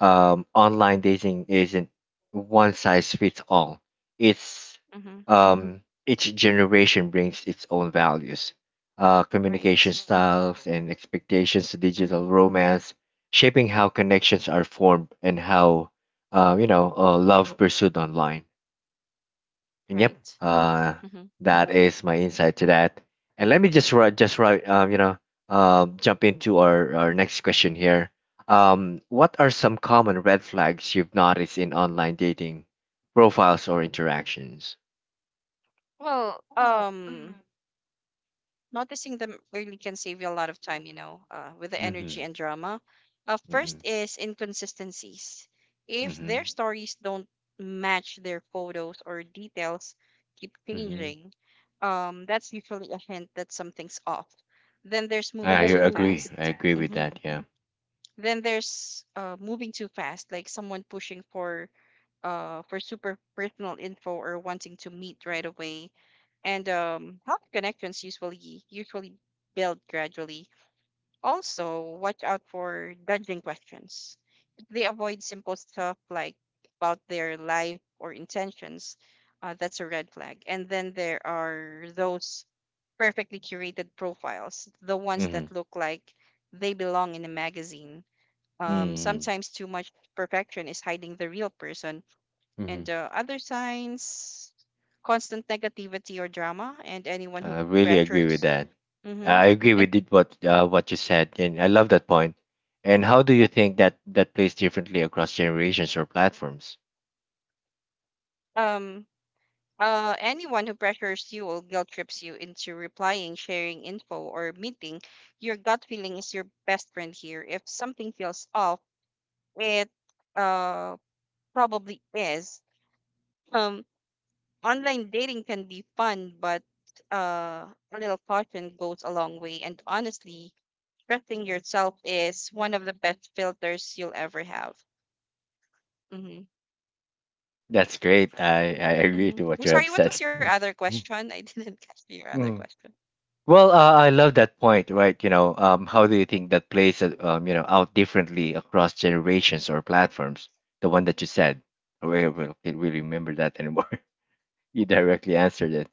um, online dating isn't one size fits all. It's Mm-hmm. um, each generation brings its own values, uh, communication Right. styles, and expectations to Mm-hmm. digital romance, shaping how connections are formed, and how, uh, you know, uh, love pursued online. And yep. Right. Uh, Mm-hmm. That is my insight to that. And let me just write, just write, um, you know, um, jump into our, our next question here. Um, what are some common red flags you've noticed in online dating profiles or interactions? Well, um, noticing them early can save you a lot of time, you know, uh, with the energy Mm-hmm. and drama. Uh, Mm-hmm. First is inconsistencies. If their Mm-hmm. stories don't match their photos or details keep Mm-hmm. changing, um, that's usually a hint that something's off. Then there's I moving too agree. fast. I agree with Hmm. that. Yeah. Then there's uh, moving too fast, like someone pushing for uh, for super personal info or wanting to meet right away. And um, healthy connections usually usually build gradually. Also, watch out for judging questions. If they avoid simple stuff like about their life or intentions, uh, that's a red flag. And then there are those perfectly curated profiles, the ones Mm-hmm. that look like they belong in a magazine. Um, Mm-hmm. Sometimes too much perfection is hiding the real person, and uh, other signs constant negativity or drama, and anyone I who really agree with pressures. that. Mm-hmm. I agree and with it, what uh, what you said, and I love that point. And how do you yep think that that plays differently across generations or platforms? um uh Anyone who pressures you or guilt trips you into replying, sharing info, or meeting. Your gut feeling is your best friend here. If something feels off, it uh probably is. um Online dating can be fun, but uh a little caution goes a long way, and honestly, trusting yourself is one of the best filters you'll ever have. Hmm. That's great. I, I [laughs] agree to Hmm. what you I'm have sorry, what said. was your other Mm. question? [laughs] I didn't catch your other Mm. question. Well, uh, I love that point, right? You know, um, how do you think that plays, uh, um, you know, out differently across generations or platforms? The one that you said, I really, really can't really remember that anymore. [laughs] You directly answered it.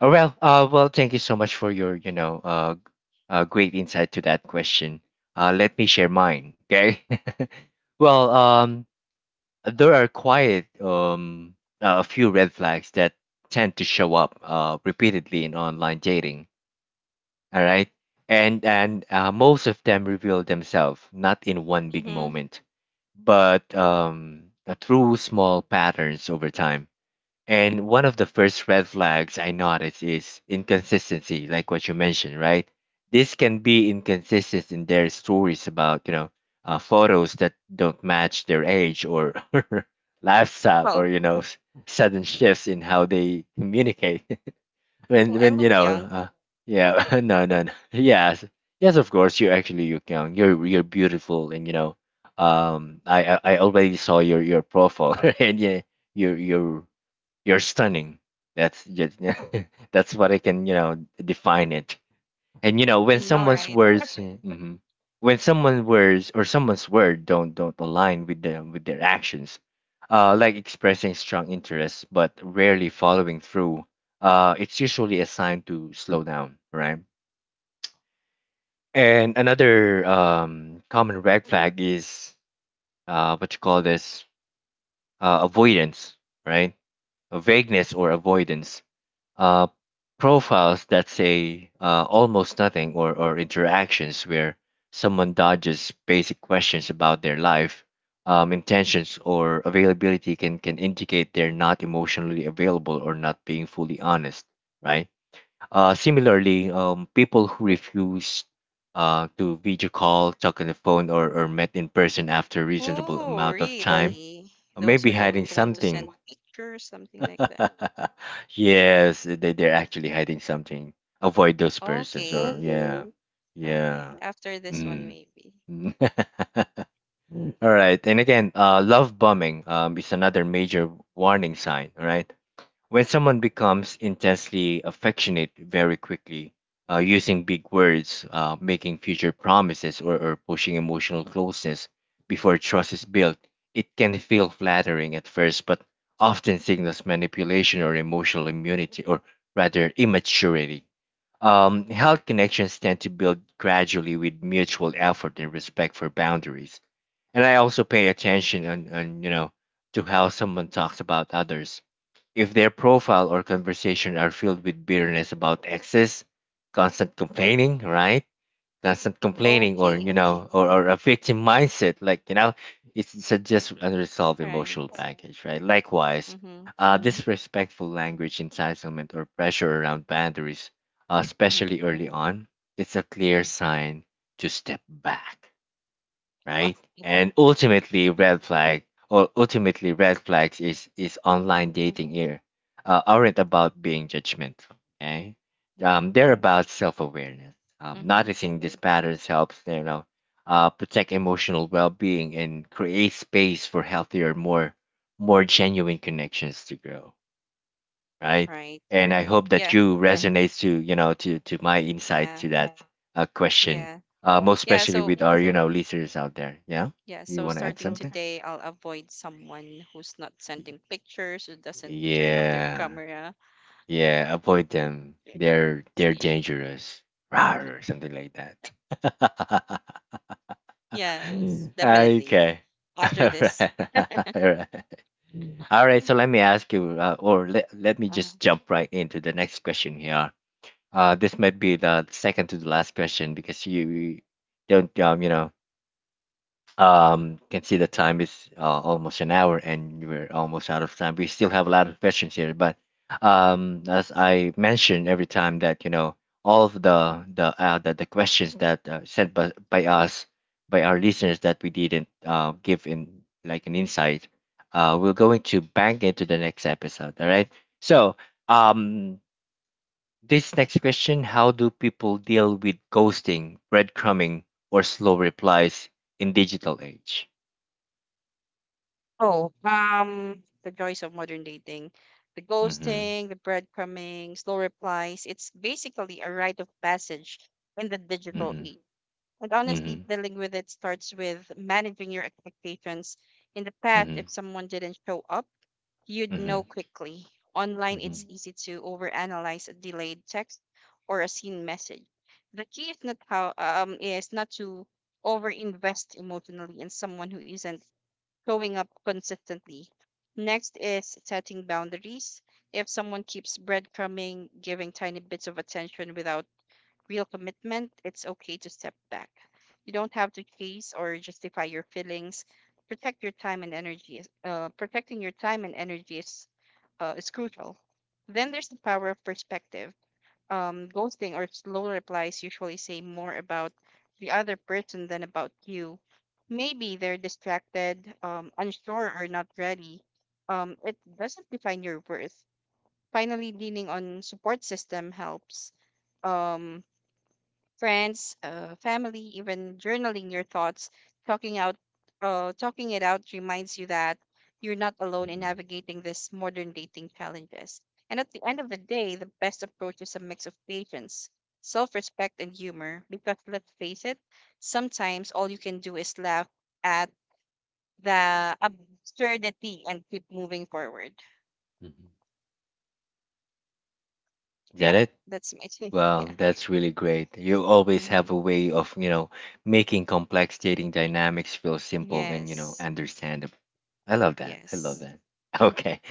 Oh, well, uh, well, thank you so much for your, you know, uh, g- uh, great insight to that question. Uh, let me share mine, okay? [laughs] Well, um, there are quite um, uh, a few red flags that tend to show up uh, repeatedly in online dating, all right? And and uh, most of them reveal themselves not in one big Mm-hmm. moment, but um, uh, through small patterns over time. And one of the first red flags I notice is inconsistency, like what you mentioned, right? This can be inconsistent in their stories about, you know, uh, photos that don't match their age or [laughs] lifestyle or, Oh, you know, s- sudden shifts in how they communicate. [laughs] when, well, I when, you look know, young. uh, yeah, [laughs] no, no, no. Yes. Yes, of course, you're actually you're young. You're, you're beautiful. And, you know, um, I, I I already saw your, your profile [laughs] and yeah, your your you're stunning. That's just [laughs] that's what I can you know define it. And you know when I know, someone's right? words, mhm. when someone's words or someone's word don't don't align with them with their actions, uh, like expressing strong interest but rarely following through, uh, it's usually a sign to slow down, right? And another um, common red flag is uh, what you call this uh, avoidance, right? A vagueness or avoidance uh, profiles that say uh, almost nothing, or or interactions where someone dodges basic questions about their life, um, intentions, or availability can, can indicate they're not emotionally available or not being fully honest, right? Uh, similarly, um, people who refuse uh, to video call, talk on the phone, or, or met in person after a reasonable Oh, amount of time really? uh, may Those be who hiding don't want to something. send pictures, something like that. [laughs] Yes, eh, they they're actually hiding something. Avoid those persons, or Okay. yeah, mm Okay. yeah. After this one, Mm. maybe. [laughs] All right, and again, uh, love bombing um, is another major warning sign. Right, when someone becomes intensely affectionate very quickly, uh, using big words, uh, making future promises, or, or pushing emotional closeness before trust is built, it can feel flattering at first, but often signals manipulation or emotional immunity, or rather immaturity. Um, health connections tend to build gradually with mutual effort and respect for boundaries. And I also pay attention on, on you know, to how someone talks about others. If their profile or conversation are filled with bitterness about exes, constant complaining, right? Constant complaining, or Okay. you [laughs] know, or, or a victim mindset, like you know, it's, it's a just unresolved Right. emotional baggage, right? Likewise, Mm-hmm. uh, disrespectful language, entitlement, or pressure around boundaries, uh, Mm-hmm. especially early on, it's a clear sign to step back, Wow. right? And ultimately, [laughs] red flag or ultimately red flags is is Mm-hmm. online dating here uh, aren't about being judgmental. Okay, Yeah. um, they're about self awareness. Um, Mm-hmm. Noticing these patterns helps you know uh, protect emotional well being and create space for healthier, more more genuine connections to grow, right? Right. And I hope that Yeah. you Yeah. resonate to you know to to my insight Yeah. to that uh, question, Yeah. uh, most Yeah. especially So with our you know listeners out there. Yeah, yeah, you so want to add starting something? today, I'll avoid someone who's not Y- sending pictures, who doesn't turn off their Yeah, camera. [laughs] yeah. Avoid them. Okay. They're they're See. dangerous. Rawr, or something like that. [laughs] Yes, Mm. definitely. Okay. [laughs] After All this, right. [laughs] All right. All right, mm. so let me ask you, uh, or let, let me just Uh-huh. jump right into the next question here. Uh, this might be the second to the last question because you you don't, um, you know, um, can see the time is uh, almost an hour and we're almost out of time. We still have a lot of questions here, but um, as I mentioned every time that you know all of the the uh, the, the questions that uh, sent by, by us by our listeners that we didn't uh, give in like an insight, uh, we're going to bank into the next episode. All right, so. Um, this next question: how do people deal with ghosting, breadcrumbing, or slow replies in digital age? Oh, um, the joys of modern dating, the Mm-hmm. ghosting, the breadcrumbing, slow replies. It's basically a rite of passage in the digital Mm-hmm. age. And honestly, Mm-hmm. dealing with it starts with managing your expectations. In the past, Mm-hmm. if someone didn't show up, you'd Mm-hmm. know quickly. Online, Mm-hmm. it's easy to overanalyze a delayed text or a seen message. The key is not how um is not to overinvest emotionally in someone who isn't showing up consistently. Next is setting boundaries. If someone keeps breadcrumbing, giving tiny bits of attention without real commitment, it's okay to step back. You don't have to chase or justify your feelings. Protect your time and energy. Is- Uh, protecting your time and energy is uh, is crucial. Then there's the power of perspective. Um, ghosting or slow replies usually say more about the other person than about you. Maybe they're distracted, um, unsure, or not ready. Um, it doesn't define your worth. Finally, leaning on support system helps. Um, Friends, uh, family, even journaling your thoughts, talking out, uh, talking it out reminds you that you're not alone in Mm-hmm, navigating these modern dating challenges. And at the end of the day, the best approach is a mix of patience, self-respect, and humor. Because let's face it, sometimes all you can do is laugh at the absurdity and keep moving forward. mm-hmm. Yeah, Janet, that's my take. [laughs] well, Yeah. that's really great. You always Hmm. have a way of, you know, making complex dating dynamics feel simple and, you know, Yes. understandable. I love that. I love Yes. that. [laughs] Okay. [laughs]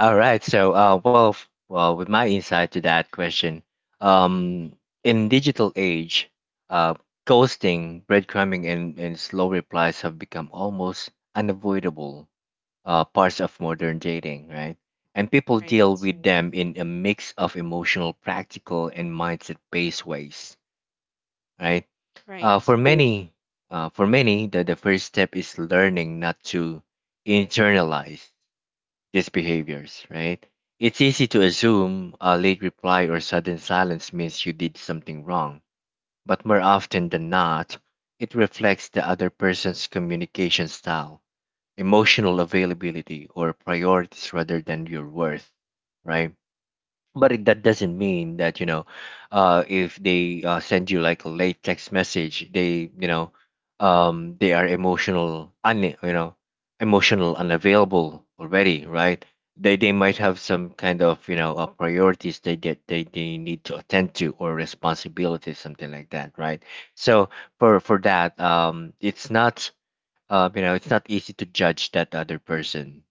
All right. So, uh, well, f- well, with my insight to that question, um, in digital age, uh, ghosting, breadcrumbing, and, and slow replies have become almost unavoidable uh, parts of modern dating, right? And people deal Right. with them in a mix of emotional, practical, and mindset-based ways, right? Uh, Right. for many, uh, for many, the, the first step is learning not to internalize these behaviors, right? It's easy to assume a late reply or sudden silence means you did something wrong, but more often than not, it reflects the other person's communication style, emotional availability, or priorities rather than your worth, right? But it, that doesn't mean that you know uh, if they uh, send you like a late text message, they you know um, they are emotional un, you know emotional unavailable already, right? they they might have some kind of you know uh, priorities they get, they, they need to attend to, or responsibilities something like that, right? So for for that, um it's not um, you know, it's not easy to judge that other person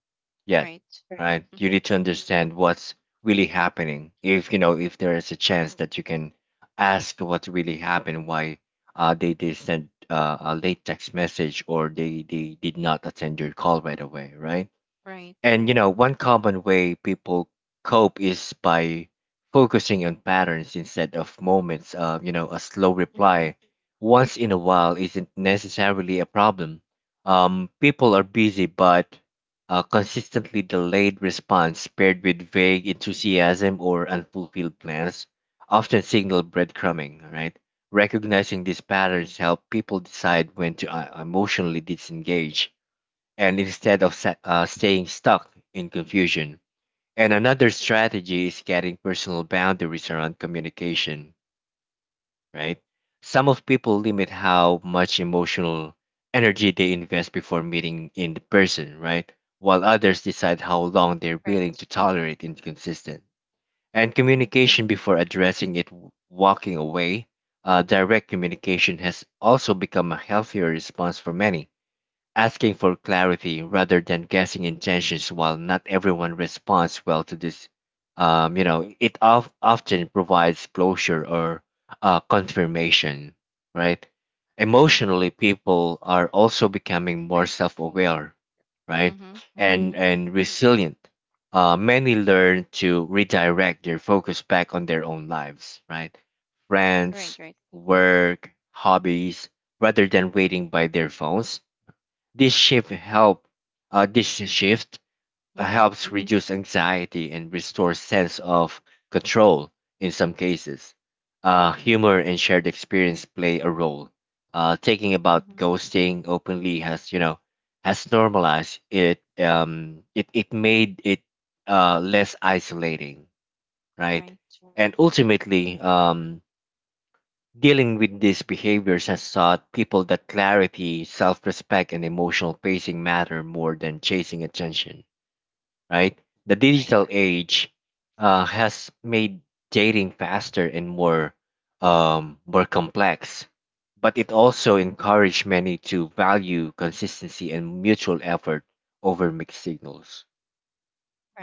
yet, Right. right? You Mm-hmm. need to understand what's really happening. If you know, if there is a chance that you can ask what really happened, why uh, they they sent uh, a late text message or they they did not attend your call right away, right? Right. And you know, one common way people cope is by focusing on patterns instead of moments. Uh, you know, a slow Mm-hmm. reply once in a while isn't necessarily a problem. Um, people are busy, but a consistently delayed response paired with vague enthusiasm or unfulfilled plans often signal breadcrumbing, right? Recognizing these patterns help people decide when to uh, emotionally disengage, and instead of sa- uh, staying stuck in confusion. And another strategy is getting personal boundaries around communication, right? Some of people limit how much emotional energy they invest before meeting in person, right? While others decide how long they're willing Right. to tolerate inconsistent. And Mm-hmm. communication before addressing it, w- walking away, uh, direct communication has also become a healthier response for many, asking for clarity rather than guessing intentions. While not everyone responds well to this, um, you know it of, often provides closure or uh, confirmation, right? Emotionally, people are also becoming more Right. self-aware, right, Mm-hmm. and Mm-hmm. and resilient. Uh, many learn to redirect their focus back on their own lives, right? Right. Friends, Right. work, hobbies, rather than waiting by their phones. this shift help uh, this shift uh, Mm-hmm. helps reduce anxiety and restores sense of control in some cases. Uh, humor and shared experience play a role. Uh, thinking about Mm-hmm. ghosting openly has you know has normalized it. Um, it it made it uh, less isolating, right? Right. And ultimately, um, dealing with these behaviors has taught people that clarity, self respect, and emotional pacing matter more than chasing attention, right? The Right. digital Right. age uh, has made dating faster and more, um, more complex, but it also encouraged many to value consistency and mutual effort over mixed signals,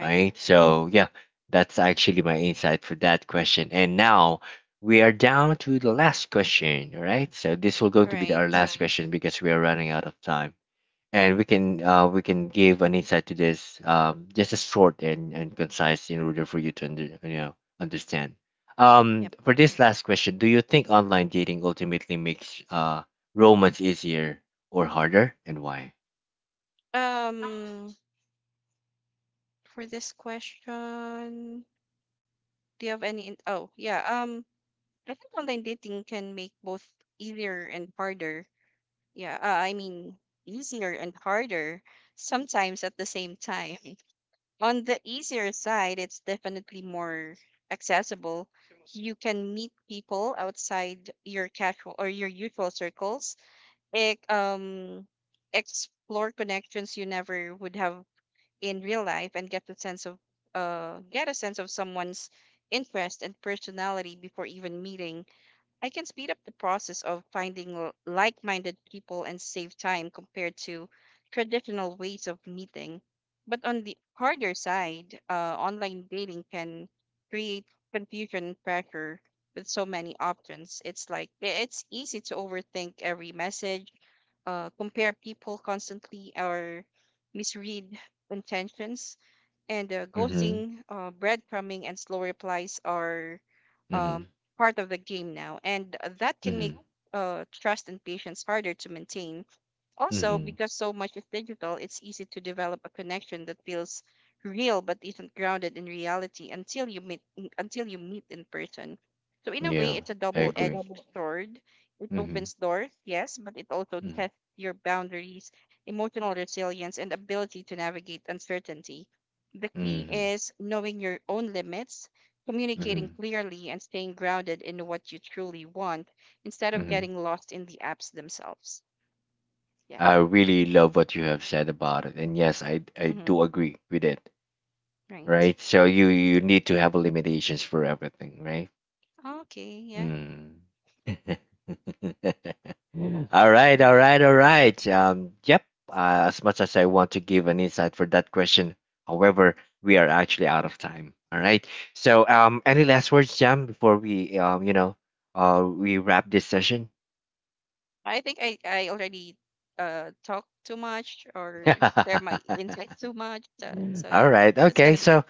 right? So yeah, that's actually my insight for that question. And now we are down to the last question, all right? So this will going to be the- our Right. last question because we are running out of time, and we can uh, we can give an insight to this um, just as short and, and concise in order for you to under, you know understand. Um, Yep. For this last question, do you think online dating ultimately makes uh, romance easier or harder, and why? Um, for this question, do you have any? In- oh, yeah. Um, I think online dating can make both easier and harder. Yeah. Uh, I mean, easier and harder sometimes at the same time. On the easier side, it's definitely more accessible. You can meet people outside your casual or your usual circles. It, um, Explore connections you never would have in real life, and get the sense of uh, get a sense of someone's interest and personality before even meeting. I can speed up the process of finding l- like-minded people and save time compared to traditional ways of meeting. But on the harder side, uh, online dating can create confusion and pressure with so many options. It's like i- it's easy to overthink every message, uh, compare people constantly, or misread intentions. And uh, Mm-hmm. ghosting, uh, breadcrumbing, and slow replies are um, Mm-hmm. part of the game now, and that can make Mm-hmm. uh, trust and patience harder to maintain. Also, Mm-hmm. because so much is digital, it's easy to develop a connection that feels real but isn't grounded in reality until you meet in- until you meet in person. So in a way, Yeah, it's a I agree. double-edged sword. It Mm-hmm. opens doors, yes, but it also Mm-hmm. tests your boundaries, emotional resilience, and ability to navigate uncertainty. The key Mm-hmm. is knowing your own limits, Mm-hmm. communicating clearly, and staying grounded in what you truly want instead of Mm-hmm. getting lost in the apps themselves. Yeah. I really love what you have said about it. And yes, I I Mhm. do agree with it. Right. Right? So you you need to have limitations for everything, right? Okay, yeah, Mm. [laughs] All right, all right. right, all right. [laughs] Um, yep. Uh, as much as I want to give an insight for that question, however, we are actually out of time. All right. So, um, any last words, Jam, before we, um, you know, uh, we wrap this session? I think I, I already uh talked too much [laughs] or share my All insights too much. Uh, so yeah, right. that's Okay. gonna be it. So,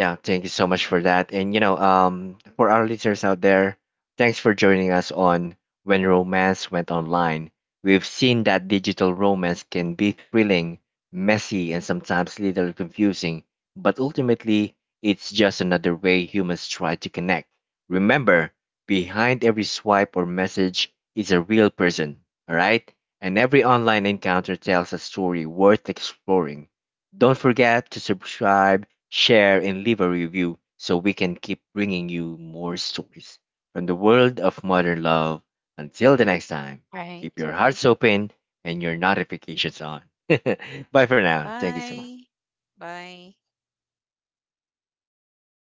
yeah, thank you so much for Mhm. that. And you know, um, for our listeners out there, thanks for joining us on When Romance Went Online. We've seen that digital romance can be thrilling, messy, and sometimes little confusing, but ultimately, it's just another way humans try to connect. Remember, behind every swipe or message is a real person, all right? And every online encounter tells a story worth exploring. Don't forget to subscribe, share, and leave a review so we can keep bringing you more stories from the world of modern love. Until the next time, Right. keep your hearts open and your notifications on. [laughs] Bye for now. Thank you so much. Bye. Bye.